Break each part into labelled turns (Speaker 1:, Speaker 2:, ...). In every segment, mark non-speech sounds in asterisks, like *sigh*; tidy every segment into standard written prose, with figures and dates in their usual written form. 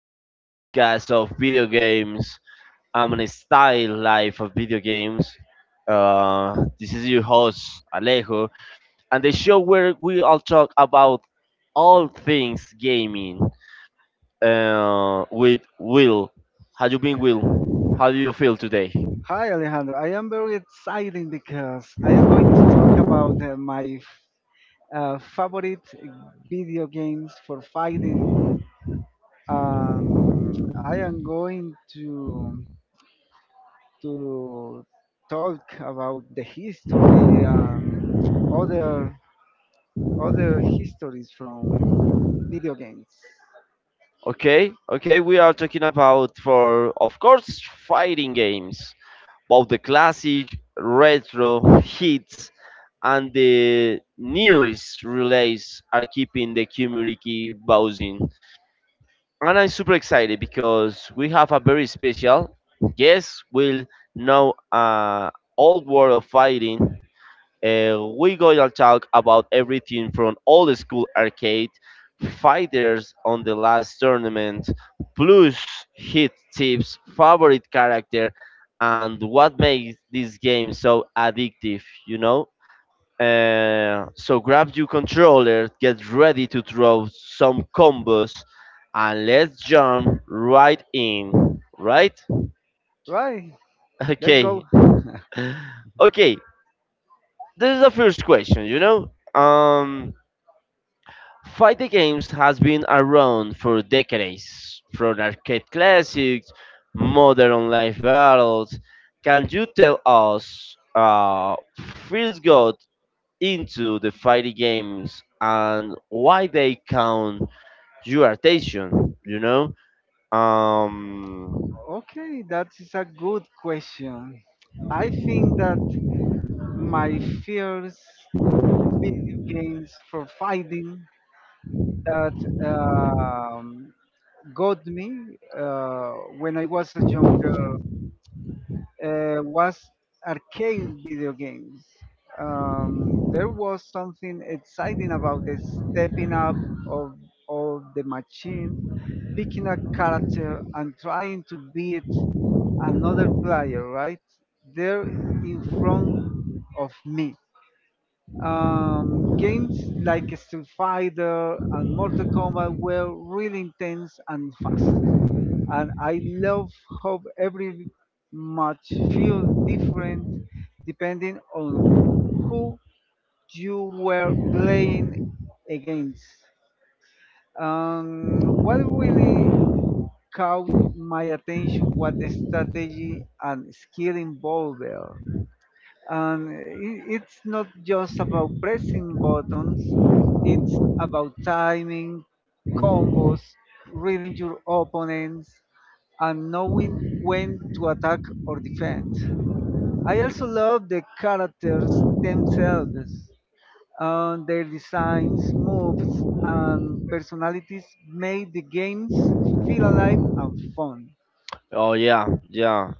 Speaker 1: to this podcast of video games and a style life of video games. This is your host Alejo, and the show where we all talk about all things gaming. With Will, how you been, Will? How do you feel today?
Speaker 2: Hi Alejandro, I am very excited because I am going to talk about my favorite video games for fighting. I am going to talk about the history and other other histories from video games.
Speaker 1: Okay, okay, we are talking about for of course fighting games, both the classic, retro, hits, and the news relays are keeping the community buzzing. And I'm super excited because we have a very special guest. We'll know all world of fighting. We're going to talk about everything from old school arcade fighters on the last tournament, plus hit tips, favorite character, and what makes this game so addictive. So grab your controller, get ready to throw some combos, and let's jump right in. Right?
Speaker 2: Right, let's go.
Speaker 1: Okay. *laughs* Okay. This is the first question. Fighting games has been around for decades, from arcade classics, modern online battles. Can you tell us, first god into the fighting games and why they count your attention. um
Speaker 2: Okay, that is a good question. I think that my fears video games for fighting that um, got me when I was a younger was arcade video games. There was something exciting about the stepping up of, of the machine, picking a character and trying to beat another player right there in front of me. Games like Street Fighter and Mortal Kombat were really intense and fast. And I love how every match feel different depending on who you were playing against. What really caught my attention was the strategy and skill involved, and it's not just about pressing buttons. It's about timing combos, reading your opponents, and knowing when to attack or defend. I also love the characters themselves, and their designs, moves, and personalities made the games feel alive and fun.
Speaker 1: oh, yeah,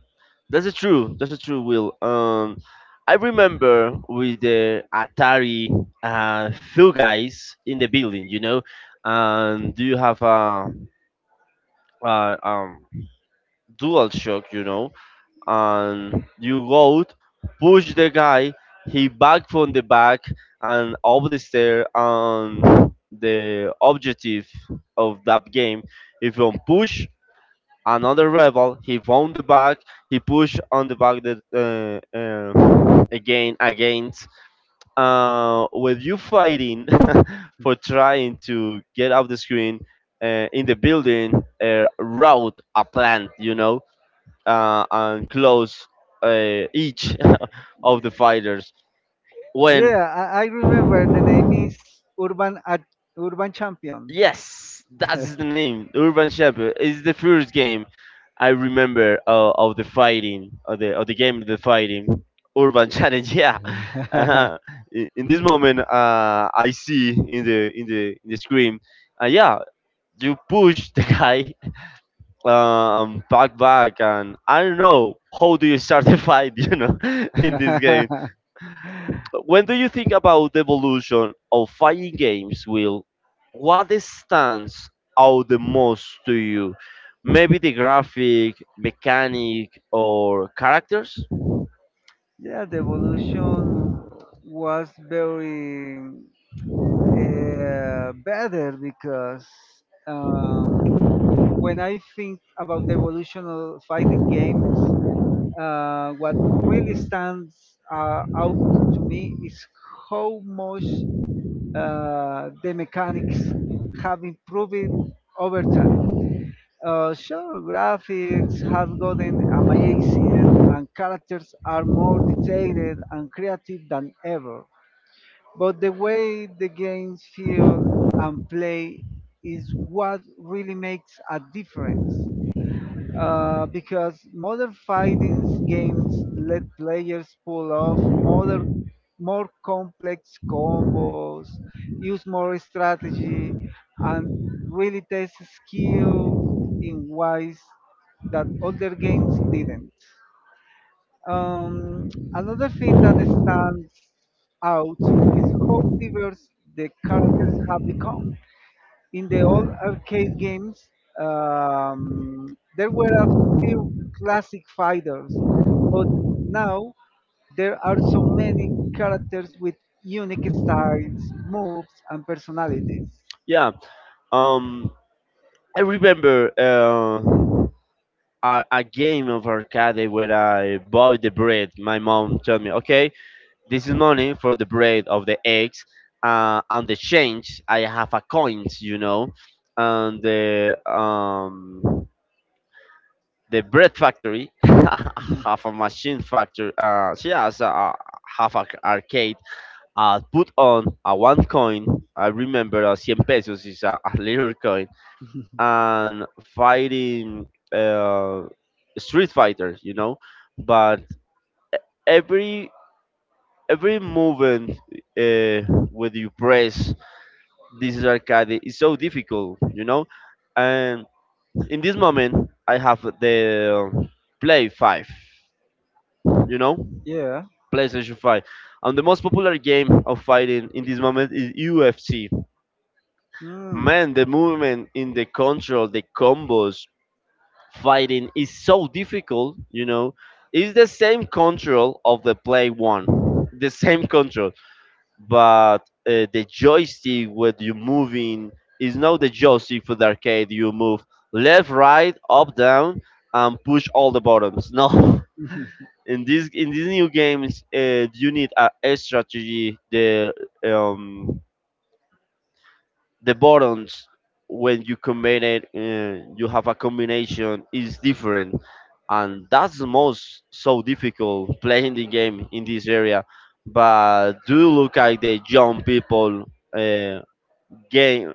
Speaker 1: that's a true, that's a true, Will. I remember with the Atari, few guys in the building, and do you have a, a dual shock, you know, and you load, push the guy, he back from the back and up the stair, and the objective of that game, if you push another rebel he found the back, he push on the back that again against with you fighting *laughs* for trying to get off the screen, in the building, route a plant, you know, and close each *laughs* of the fighters. When
Speaker 2: I remember the name is urban Ad- urban champion.
Speaker 1: yes, that's the name, Urban Shepherd. It's the first game I remember of the fighting, of the game, of the fighting, Urban Challenge. *laughs* Yeah,
Speaker 2: *laughs* Yeah,
Speaker 1: uh-huh. In this moment, I see in the in the screen, yeah, you push the guy, back and I don't know how do you start the fight. *laughs* You know, in this game, when do you think about the evolution of fighting games, Will, what stands out the most to you? Maybe the graphic, mechanic, or characters?
Speaker 2: the evolution was very better because um, when I think about the evolution of fighting games, what really stands out to me is how much the mechanics have improved over time. Sure, graphics have gotten amazing and characters are more detailed and creative than ever. But the way the games feel and play is what really makes a difference because modern fighting games let players pull off modern, more complex combos, use more strategy, and really test skill in ways that older games didn't. Um, Another thing that stands out is how diverse the characters have become. In the old arcade games, there were a few classic fighters, but now there are so many characters with unique styles, moves, and personalities.
Speaker 1: Yeah. um I remember a game of arcade where I bought the bread. My mom told me, okay, this is money for the bread of the eggs. On the change, I have a coins, you know, and the the bread factory *laughs* have a machine factory. She has a half a arcade. I put on a one coin. I remember a cien pesos is a little coin,
Speaker 2: *laughs*
Speaker 1: and fighting uh, Street Fighter, you know. But every every movement uh, with you press this arcade is so difficult, you know, and in this moment I have the play 5, you know,
Speaker 2: Yeah.
Speaker 1: playstation 5, and the most popular game of fighting in this moment is ufc.
Speaker 2: Mm. Man.
Speaker 1: Man, the movement in the control, the combos fighting is so difficult, you know. It's the same control of the play 1, the same control, but the joystick when you moving is not the joystick for the arcade. You move left, right, up, down, and push all the buttons. No, *laughs* in this, in these new games, you need a strategy. The um the buttons, when you combine it, you have a combination is different, and that's the most so difficult playing the game in this area. But do look at the young people, uh, game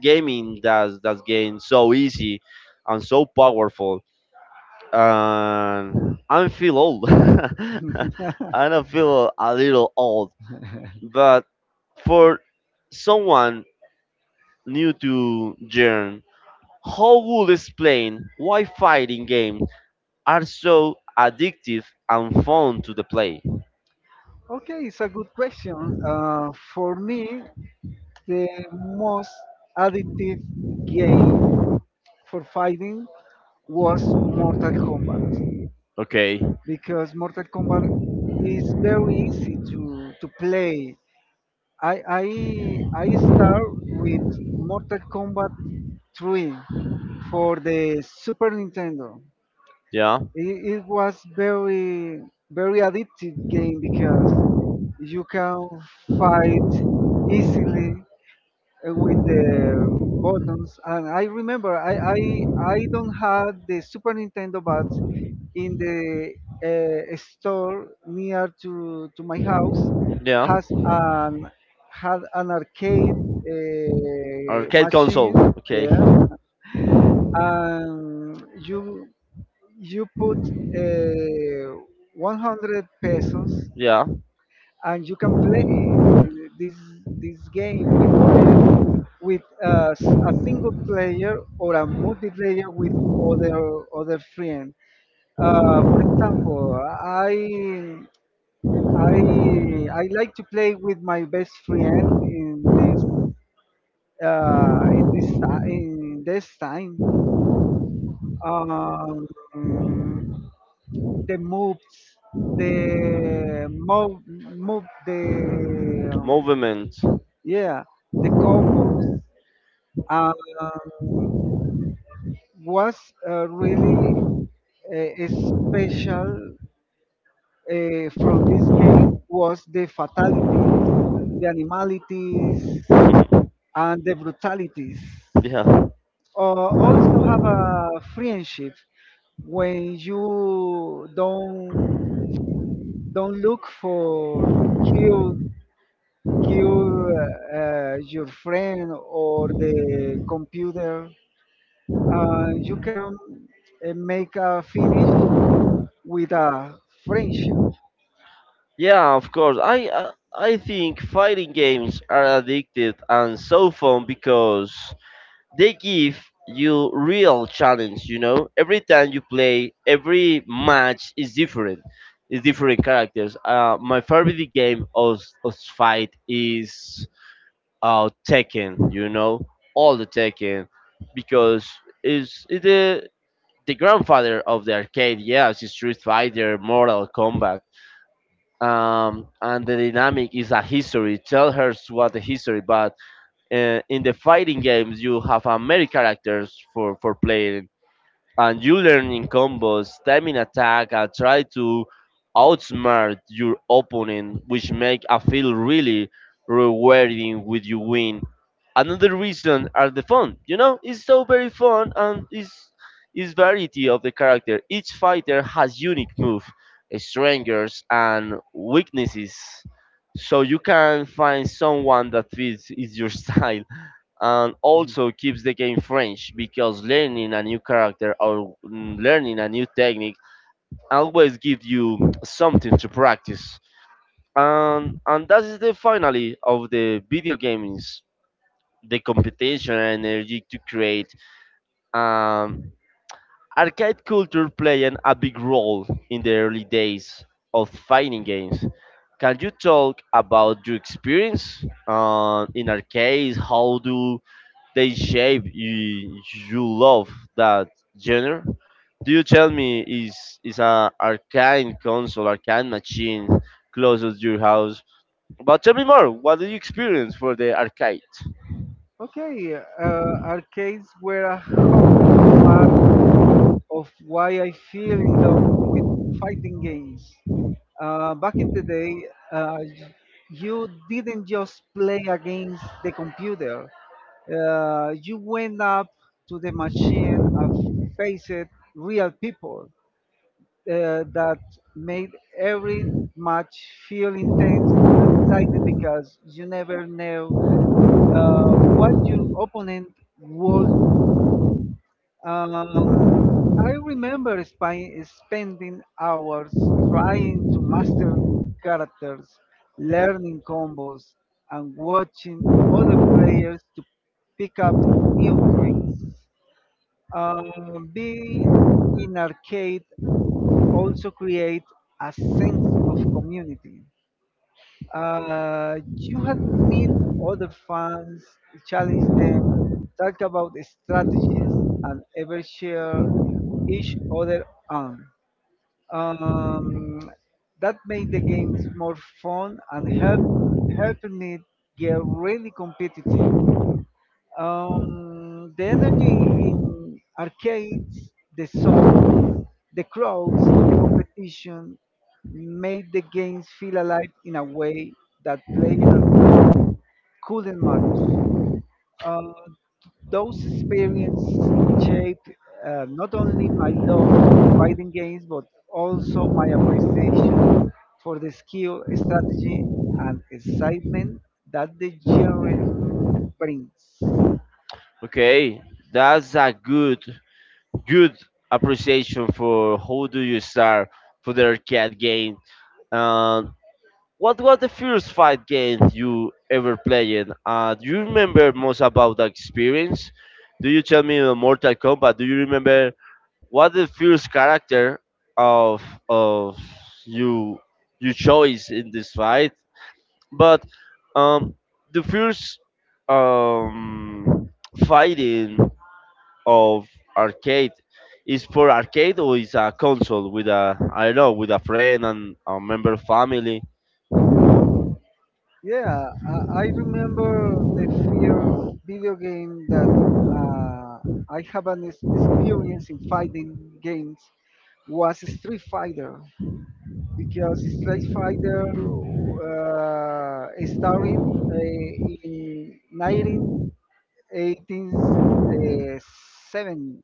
Speaker 1: gaming does that's game so easy and so powerful, and I feel old. *laughs* I don't feel a little old, but for someone new to Jern, how would explain why fighting games are so addictive and fun to the play?
Speaker 2: Okay, it's a good question. For me, the most addictive game for fighting was Mortal Kombat,
Speaker 1: Okay,
Speaker 2: because Mortal Kombat is very easy to play. I I I start with Mortal Kombat 3 for the Super Nintendo.
Speaker 1: yeah,
Speaker 2: It was very addictive game because you can fight easily with the buttons. And I remember I don't have the Super Nintendo, but in the store near to my house
Speaker 1: yeah.
Speaker 2: has an had an arcade
Speaker 1: Arcade console.
Speaker 2: machine.
Speaker 1: Okay.
Speaker 2: Yeah, and you put uh, 100 pesos
Speaker 1: Yeah.
Speaker 2: and you can play this game with other with a single player or a multiplayer with other friend. For example, I I I like to play with my best friend in this in this time. Um, the moves, the move, move the
Speaker 1: Movement.
Speaker 2: yeah, the combos. Um, was really special from this game was the fatalities, the animalities, and the brutalities.
Speaker 1: Yeah.
Speaker 2: Or also have a friendship when you don't look for kill kill your friend or the computer. Uh, you can make a finish with a friendship.
Speaker 1: Yeah, of course. I think fighting games are addictive and so fun because they give you real challenge, you know? Every time you play, every match is different. It's different characters. My favorite game of fight is Tekken, you know? All the Tekken, because it's the grandfather of the arcade. Yes, it's Street Fighter, Mortal Kombat, and the dynamic is a history. Tell her what the history, but in the fighting games you have many characters for playing, and you learning combos, timing attack, and try to outsmart your opponent, which make I feel really rewarding with you win. Another reason are the fun. You know, it's so very fun, and it's is variety of the character. Each fighter has unique move, strengths, and weaknesses, so you can find someone that fits is your *laughs* style, and also
Speaker 2: Mhm.
Speaker 1: keeps the game fresh because learning a new character or learning a new technique always gives you something to practice. And that is the finally of the video game is the competition and energy to create. Um, arcade culture playing a big role in the early days of fighting games. Can you talk about your experience in arcades? How do they shape you, you love that genre? Do you tell me is a arcane console, arcane machine close to your house? But tell me more. What did you experience for the arcade?
Speaker 2: Okay, uh, arcades were a hot part of why I feel in love with fighting games. Back in the day, uh, y- you didn't just play against the computer. You went up to the machine and faced real people that made every match feel intense and exciting, because you never know what your opponent will do. I remember spending hours trying to master characters, learning combos, and watching other players to pick up new tricks. Being in arcade also create a sense of community. You had meet other fans, challenge them, talk about the strategies, and ever share each other on. Um, that made the games more fun and helping it get really competitive. The energy in arcades, the song, the crowd, competition made the games feel alive in a way that playing at home couldn't much. Um, those experiences shaped not only my love for fighting games, but also my appreciation for the skill, strategy, and excitement that the genre brings.
Speaker 1: Okay, that's a good good appreciation for how do you start for the arcade game. Uh, What was the first fight game you ever played? Do you remember most about the experience? Do you tell me the Mortal Kombat? Do you remember what the first character of of you you choice in this fight? But um, the first um, fighting of arcade is for arcade or is a console with a I don't know with a friend and a member family.
Speaker 2: Yeah, I remember the first video game that uh, I have an experience in fighting games was Street Fighter, because Street Fighter starting in 1987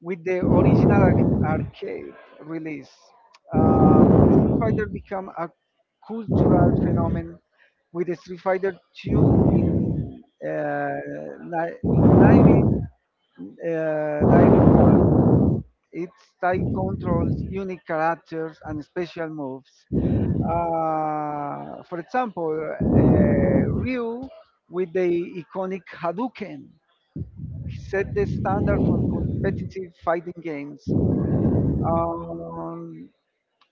Speaker 2: with the original arcade release. Street Fighter became a cultural phenomenon with the Street Fighter 2 in uh, ni- 19, uh, 91. Its tight controls, unique characters, and special moves. For example, Ryu with the iconic Hadouken set the standard for competitive fighting games. Um,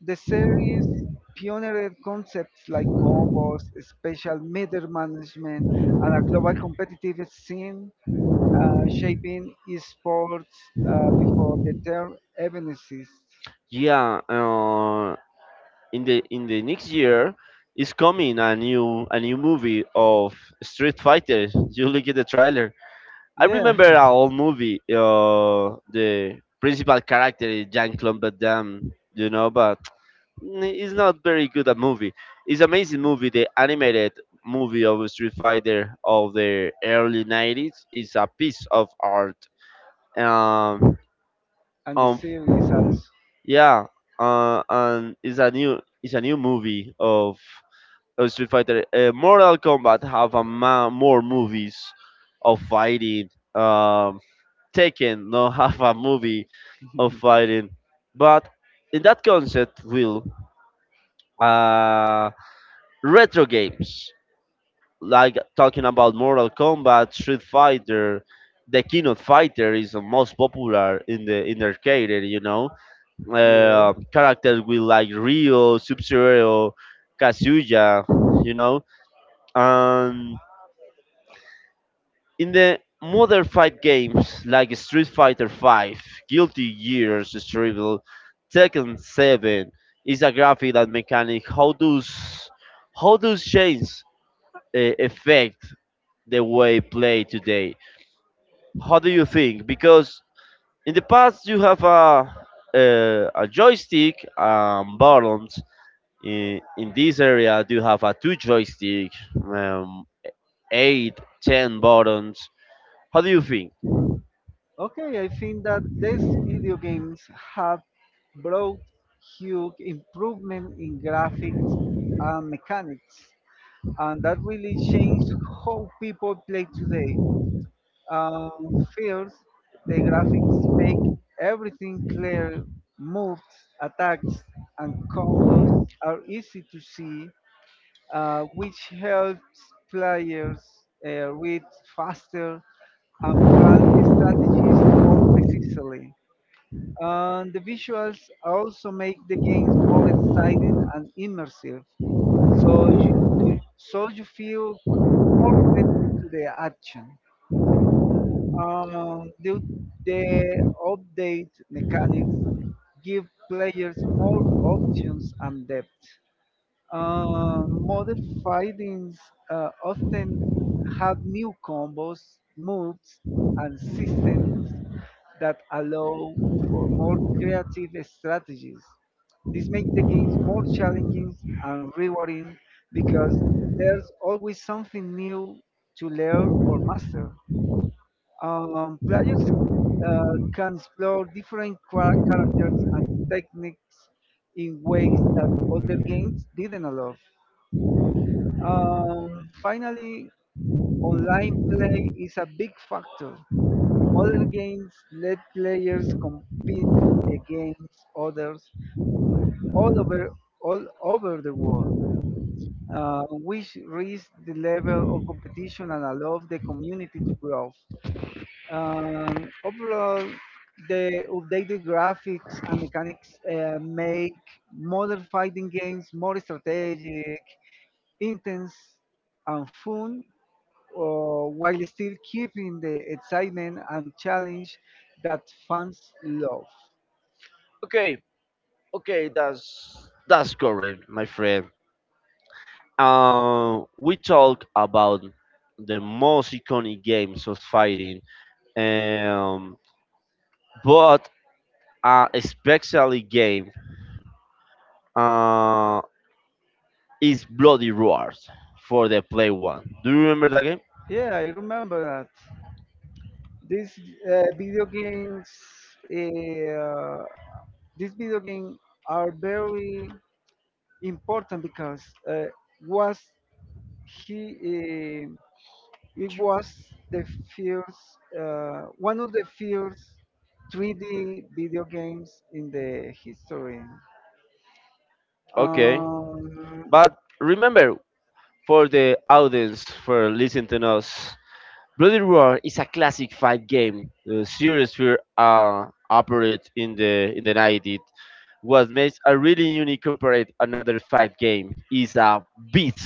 Speaker 2: the series pioneered concepts like combos, special meter management, and a global competitive scene, shaping esports before the term even exists.
Speaker 1: Yeah, in the next year is coming a new movie of Street Fighter. You look at the trailer. I
Speaker 2: Yeah,
Speaker 1: remember an old movie. The principal character is Jean-Claude Van Damme, you know, but it's not very good a movie. It's
Speaker 2: *laughs*
Speaker 1: amazing movie. The animated movie of Street Fighter of the early 90s is a piece of art. Um,
Speaker 2: and the
Speaker 1: um,
Speaker 2: series also.
Speaker 1: yeah, and it's a new movie of Street Fighter. Mortal Kombat have a ma- more movies of fighting. Um, Tekken no *laughs* have a movie of
Speaker 2: *laughs*
Speaker 1: fighting, but in that concept, Will, uh, retro games like talking about Mortal Kombat, Street Fighter, the King of Fighter is the most popular in the arcade. You know,
Speaker 2: Yeah.
Speaker 1: characters with like Rio, Sub Zero, Kazuya, you know. And in the modern fight games like Street Fighter V, Guilty Gear, Strivel, Tekken 7, is a graphic and mechanic. How does change affect the way play today? How do you think? Because in the past you have a joystick, buttons, in this area do you have a two joystick, um, 8 10 buttons, how do you think?
Speaker 2: Okay, I think that the video games have brought huge improvement in graphics and mechanics, and that really changed how people play today. Um, first, the graphics make everything clear. Moves, attacks, and combos are easy to see, which helps players read faster and plan strategies more precisely. And the visuals also make the games more exciting and immersive, so you so you feel more connected to the action. Um, the, the update mechanics give players more options and depth. Modern fightings often have new combos, moves, and systems that allow for more creative strategies. This makes the games more challenging and rewarding, because there's always something new to learn or master. Players can explore different characters and techniques in ways that older games didn't allow. Finally, online play is a big factor. Modern games let players compete against others all over all over the world, which raise the level of competition and allow the community to grow. Overall, the updated graphics and mechanics make modern fighting games more strategic, intense, and fun, while still keeping the excitement and challenge that fans love.
Speaker 1: Okay, okay, that's correct, my friend. We talk about the most iconic games of fighting, um, but especially game uh, is bloody roar for the play one, do you remember that game?
Speaker 2: Yeah, I remember that. These uh, video games, uh, these video games are very important because uh, was he it was the first one of the first 3D video games in the history. Okay.
Speaker 1: Okay,
Speaker 2: But
Speaker 1: but remember for the audience for listening to us. Bloody Roar is a classic fight game. The series were operated in the 90s. What makes a really unique compared to another fight game is a beat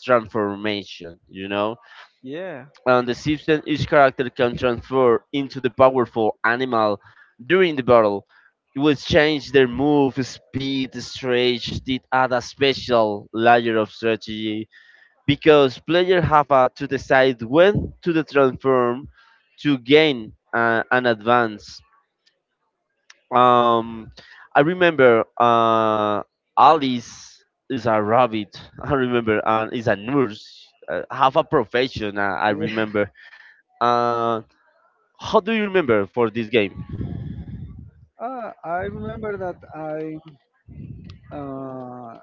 Speaker 1: transformation, you know.
Speaker 2: yeah.
Speaker 1: And the system, each character can transform into the powerful animal during the battle. It will change their move, speed, stretch, did add a special layer of strategy because players have to decide when to the transform to gain an advance. Um, I remember Alice is a rabbit. *laughs* I remember, and is a nurse, have a profession. I
Speaker 2: *laughs*
Speaker 1: remember. Uh, how do you remember for this game?
Speaker 2: Ah, I remember that uh,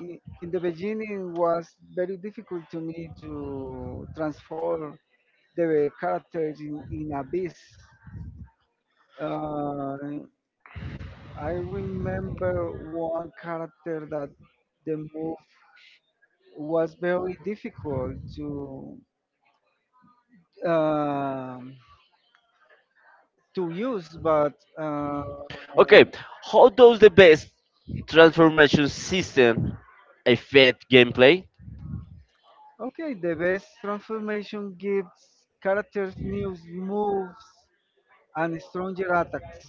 Speaker 2: in the beginning, was very difficult to me to transform the characters in Abyss. Uh, I remember one character that the move was very difficult to um use, but uh,
Speaker 1: Okay, how does the best transformation system affect gameplay?
Speaker 2: okay, the best transformation gives characters new moves and stronger attacks.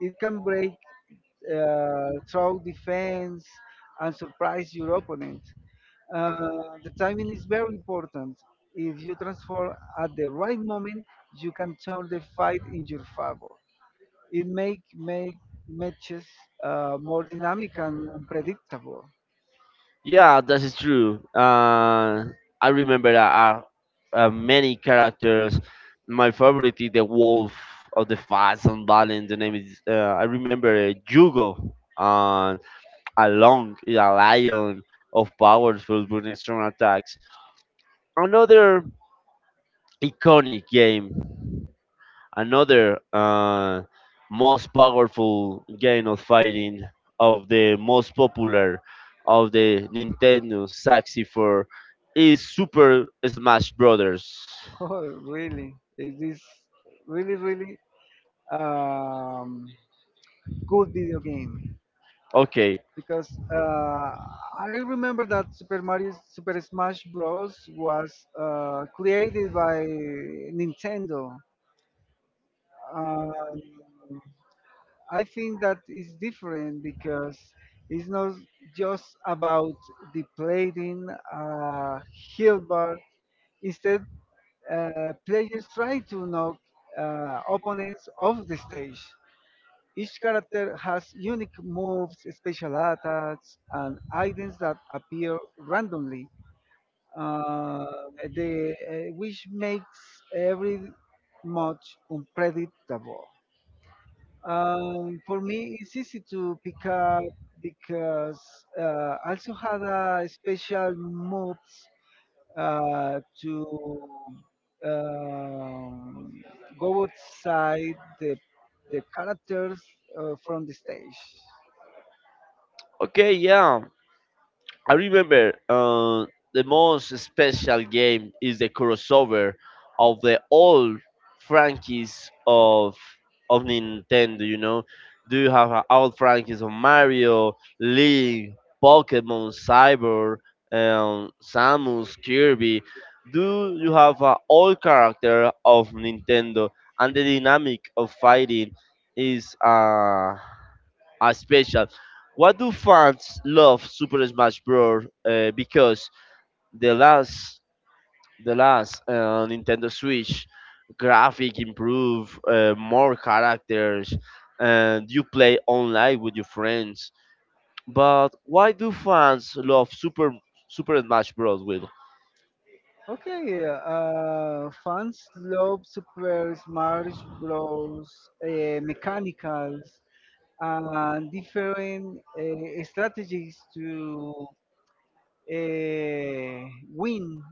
Speaker 2: It can break through defense and surprise your opponent. Uh, the timing is very important. If you transform at the right moment, you can turn the fight in your favor. It make matches more dynamic and unpredictable. *laughs*
Speaker 1: Yeah, that is true. I remember many characters. My favorite is the Wolf of the Fast and Balance. The name is. I remember Jugo, and Along is a lion of powerful but strong attacks. Another iconic game, another most powerful game of fighting, of the most popular of the Nintendo 64, is Super Smash Brothers.
Speaker 2: Oh, really? It is really um, good video game.
Speaker 1: Okay,
Speaker 2: Because I remember that Super Mario Super Smash Bros was created by Nintendo. Uh, I think that is different because it's not just about the playing uh, heal bar. Instead, players try to knock opponents off the stage. Each character has unique moves, special attacks, and items that appear randomly, uh, which makes every much unpredictable. For me, it's easy to pick up because I also had a special moves to um, go outside the the characters from the stage.
Speaker 1: okay, yeah. I remember the most special game is the crossover of the old franchises of Nintendo. You know, do you have an old franchises of Mario, Link, Pokemon, Cyber, Samus, Kirby? Do you have an old character of Nintendo, and the dynamic of fighting is are special. Why do fans love Super Smash Bros? Because the last, the last Nintendo Switch graphic improve, more characters, and you play online with your friends. But why do fans love Super Smash Bros, Will,
Speaker 2: Okay, fans love Super Smash Bros. Mechanicals and different strategies to win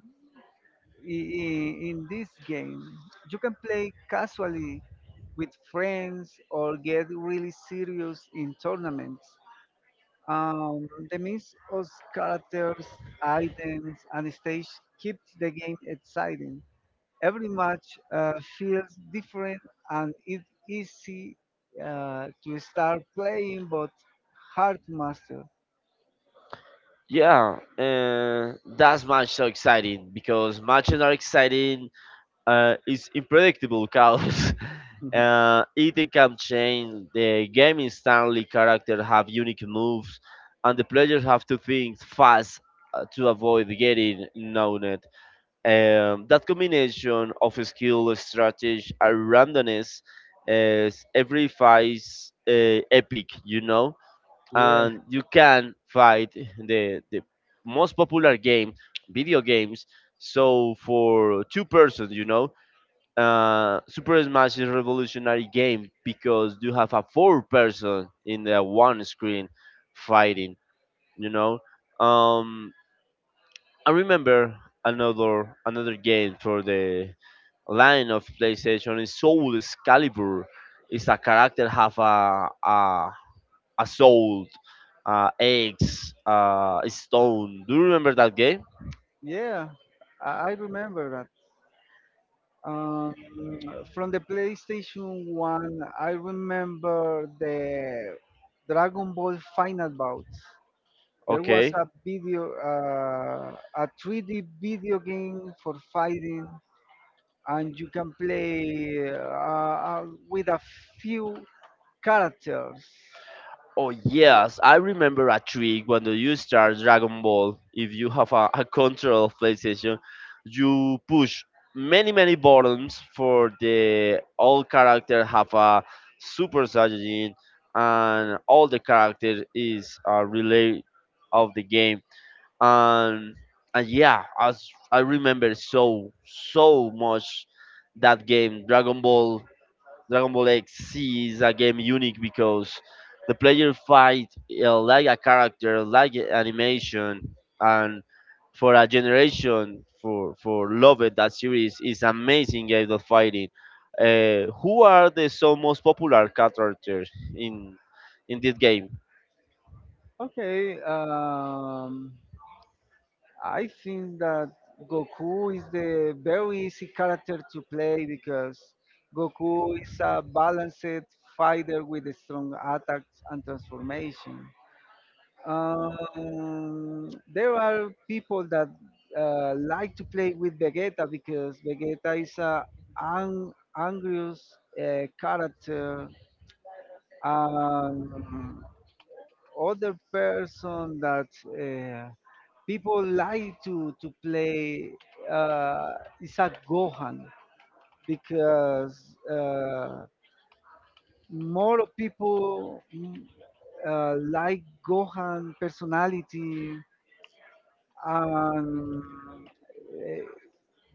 Speaker 2: in, in this game. You can play casually with friends or get really serious in tournaments. The mix of characters, items, and stage keeps the game exciting. Every match feels different, and it's easy to start playing, but hard to master.
Speaker 1: yeah, that's match so exciting because matches are exciting. Is unpredictable chaos. *laughs*
Speaker 2: *laughs* Yeah,
Speaker 1: Eating can change. The game instantly characters have unique moves, and the players have to think fast to avoid getting known. That combination of skill, strategy, and randomness is every fight epic,
Speaker 2: yeah,
Speaker 1: and you can fight the most popular game, video games. So for two persons, Super Smash is a revolutionary game because you have a four person in the one screen fighting. You know, um, I remember another game for the line of PlayStation is Soul Excalibur. It's a character have a soul, eggs, stone. Do you remember that game?
Speaker 2: yeah, I remember that. Um, from the PlayStation One, I remember the Dragon Ball Final Bout. There was
Speaker 1: Okay.
Speaker 2: a 3D video game for fighting, and you can play with a few characters.
Speaker 1: Oh yes, I remember a trick when you start Dragon Ball. If you have a control of PlayStation, you push many buttons for the all character have a Super Saiyajin, and all the character is a relay of the game. And and yeah, as I remember so so much that game Dragon Ball X Z is a game unique because the player fight like a character, like a animation, and for a generation for loved that series is amazing game of fighting. Who are the so most popular characters in in this game?
Speaker 2: Okay, I think that Goku is the very easy character to play, because Goku is a balanced fighter with strong attacks and transformation. There are people that like to play with Vegeta, because Vegeta is a ang- angrious character. Um, other person that uh, people like to play uh, is a Gohan because more people like Gohan personality, and uh,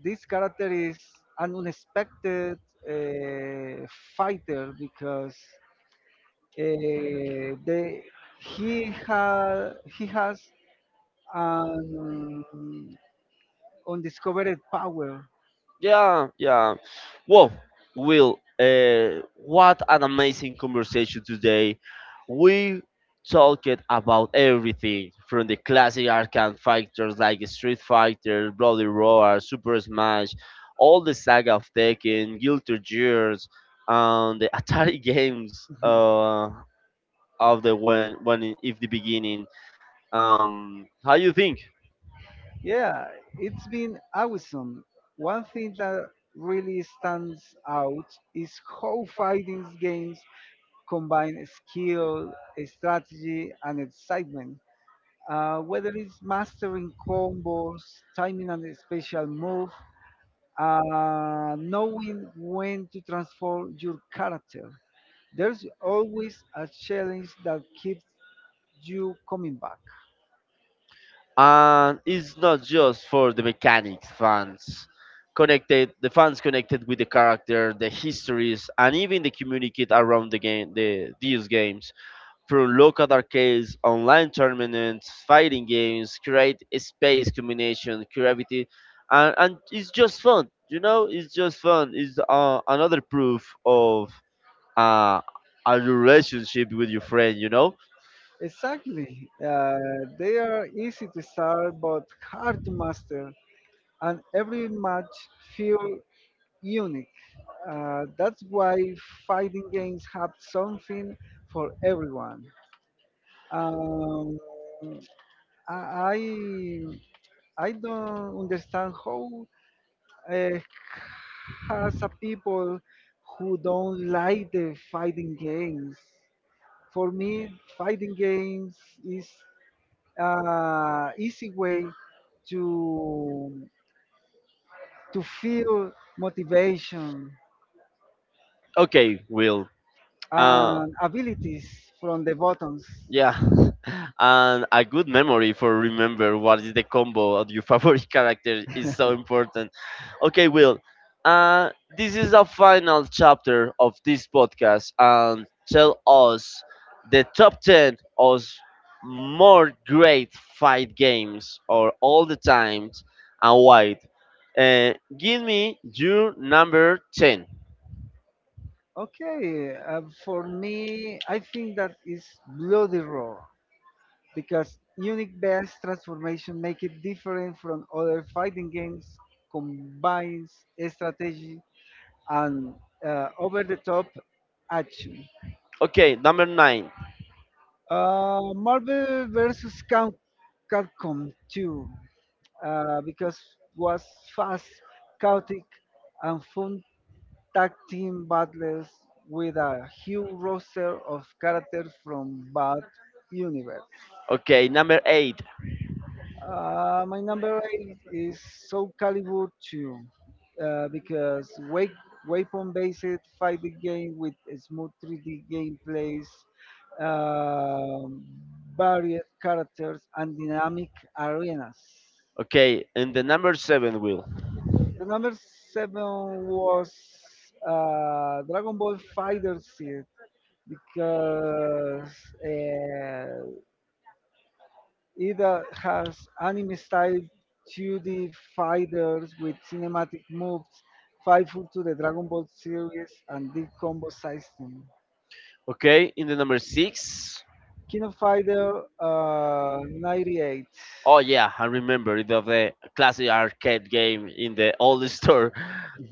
Speaker 2: this character is an unexpected uh, fighter because they he ha he has um, undiscovered power.
Speaker 1: Yeah, yeah. Well, Will, what an amazing conversation today. We talked about everything from the classic arcade fighters like Street Fighter, Bloody Roar, Super Smash, all the saga of Tekken, Guilty Gears, and the *laughs* Atari games
Speaker 2: Mhm. *laughs*
Speaker 1: of the when if the beginning. How you think?
Speaker 2: Yeah, it's been awesome. One thing that really stands out is how fighting games combine skill, strategy, and excitement. Whether it's mastering combos, timing and special move, knowing when to transform your character. There's always a challenge that keeps you coming back.
Speaker 1: And it's not just for the mechanics fans connected the fans connected with the character the histories and even the communicate around the game these games through local arcades online tournaments fighting games create a space combination creativity and it's just fun it's just fun it's another proof of uh, a relationship with your friend.
Speaker 2: Exactly. They are easy to start but hard to master, and every match feel unique. That's why fighting games have something for everyone. Um, I I don't understand how uh, has a people who don't like the fighting games. For me, fighting games is easy way to to feel motivation
Speaker 1: Okay, Will. uh,
Speaker 2: and abilities from the buttons.
Speaker 1: Yeah, *laughs* and a good memory for remember what is the combo of your *laughs* favorite character is so important. Okay, Will, uh, this is the final chapter of this podcast, and tell us the top 10 of more great fight games or all the times and why. Uh, Give me your number 10.
Speaker 2: Okay, for me, I think that is Bloody Roar, because unique best transformation make it different from other fighting games, combines strategy and over-the-top action.
Speaker 1: Okay, number nine.
Speaker 2: Marvel versus Capcom 2, because was fast, chaotic, and fun tag team battles with a huge roster of characters from both universe.
Speaker 1: Okay, number eight.
Speaker 2: My number eight is Soul Calibur 2, because wake, weapon-based fighting game with a smooth 3D gameplays, um, varied characters, and dynamic arenas.
Speaker 1: Okay, and the number seven, Will.
Speaker 2: The number seven was Dragon Ball Fighter Z, because uh, it has anime-style 2D fighters with cinematic moves, faithful to the Dragon Ball series and the combo system.
Speaker 1: Okay, in the number six.
Speaker 2: King of Fighter 98.
Speaker 1: Oh yeah, I remember it of the classic arcade game in the old store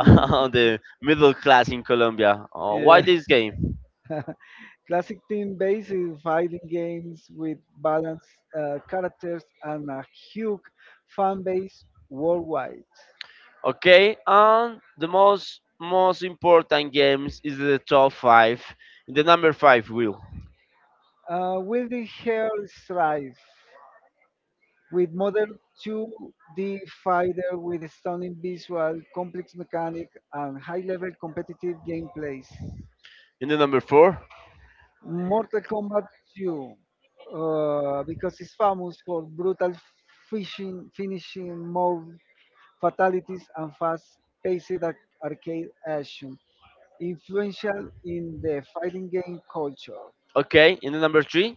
Speaker 1: *laughs* on the middle class in Colombia. Oh, why
Speaker 2: Yeah.
Speaker 1: this game?
Speaker 2: *laughs* Classic team-based fighting games with balanced characters and a huge fan base worldwide.
Speaker 1: Okay, and the most important games is the top five. In the number five, Will.
Speaker 2: Will the hair strive? With modern 2D fighter with stunning visual, complex mechanic, and high-level competitive gameplays.
Speaker 1: In the number four.
Speaker 2: Mortal Kombat 2, because it's famous for brutal finishing, more fatalities, and fast-paced arcade action, influential in the fighting game culture.
Speaker 1: Okay, in the number three.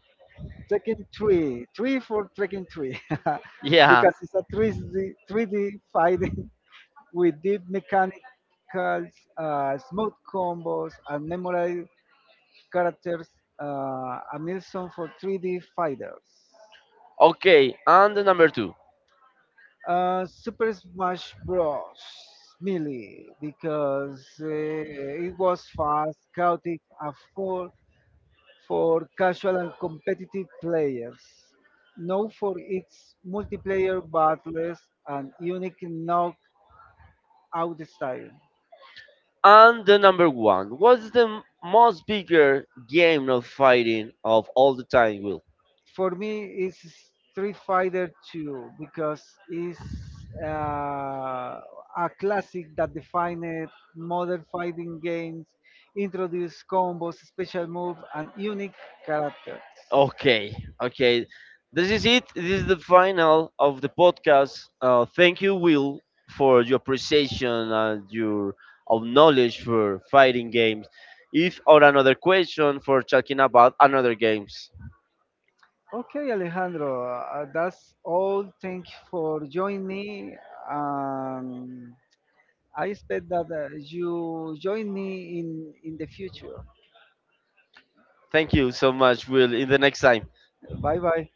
Speaker 2: Tekken 3, *laughs*
Speaker 1: Yeah.
Speaker 2: because it's a 3D fighting. We did mechanicals, smooth combos, and memorable characters, a milestone for 3D fighters.
Speaker 1: Okay, and the number two.
Speaker 2: Super Smash Bros. Melee, because it was fast, chaotic, and full for casual and competitive players. Known for its multiplayer battles and unique knockout style.
Speaker 1: And the number one. What's the most bigger game of fighting of all the time, Will?
Speaker 2: For me it's Street Fighter 2 because it's uh, a classic that defined modern fighting games, introduced combos, special moves, and unique characters.
Speaker 1: Okay, okay. This is it. This is the final of the podcast. Thank you, Will, for your appreciation and your of knowledge for fighting games. If or another question for talking about another games.
Speaker 2: Okay, Alejandro, that's all. Thank you for joining me. Um, I expect that you join me in the future.
Speaker 1: Thank you so much, Will. In the next time.
Speaker 2: Vai, vai.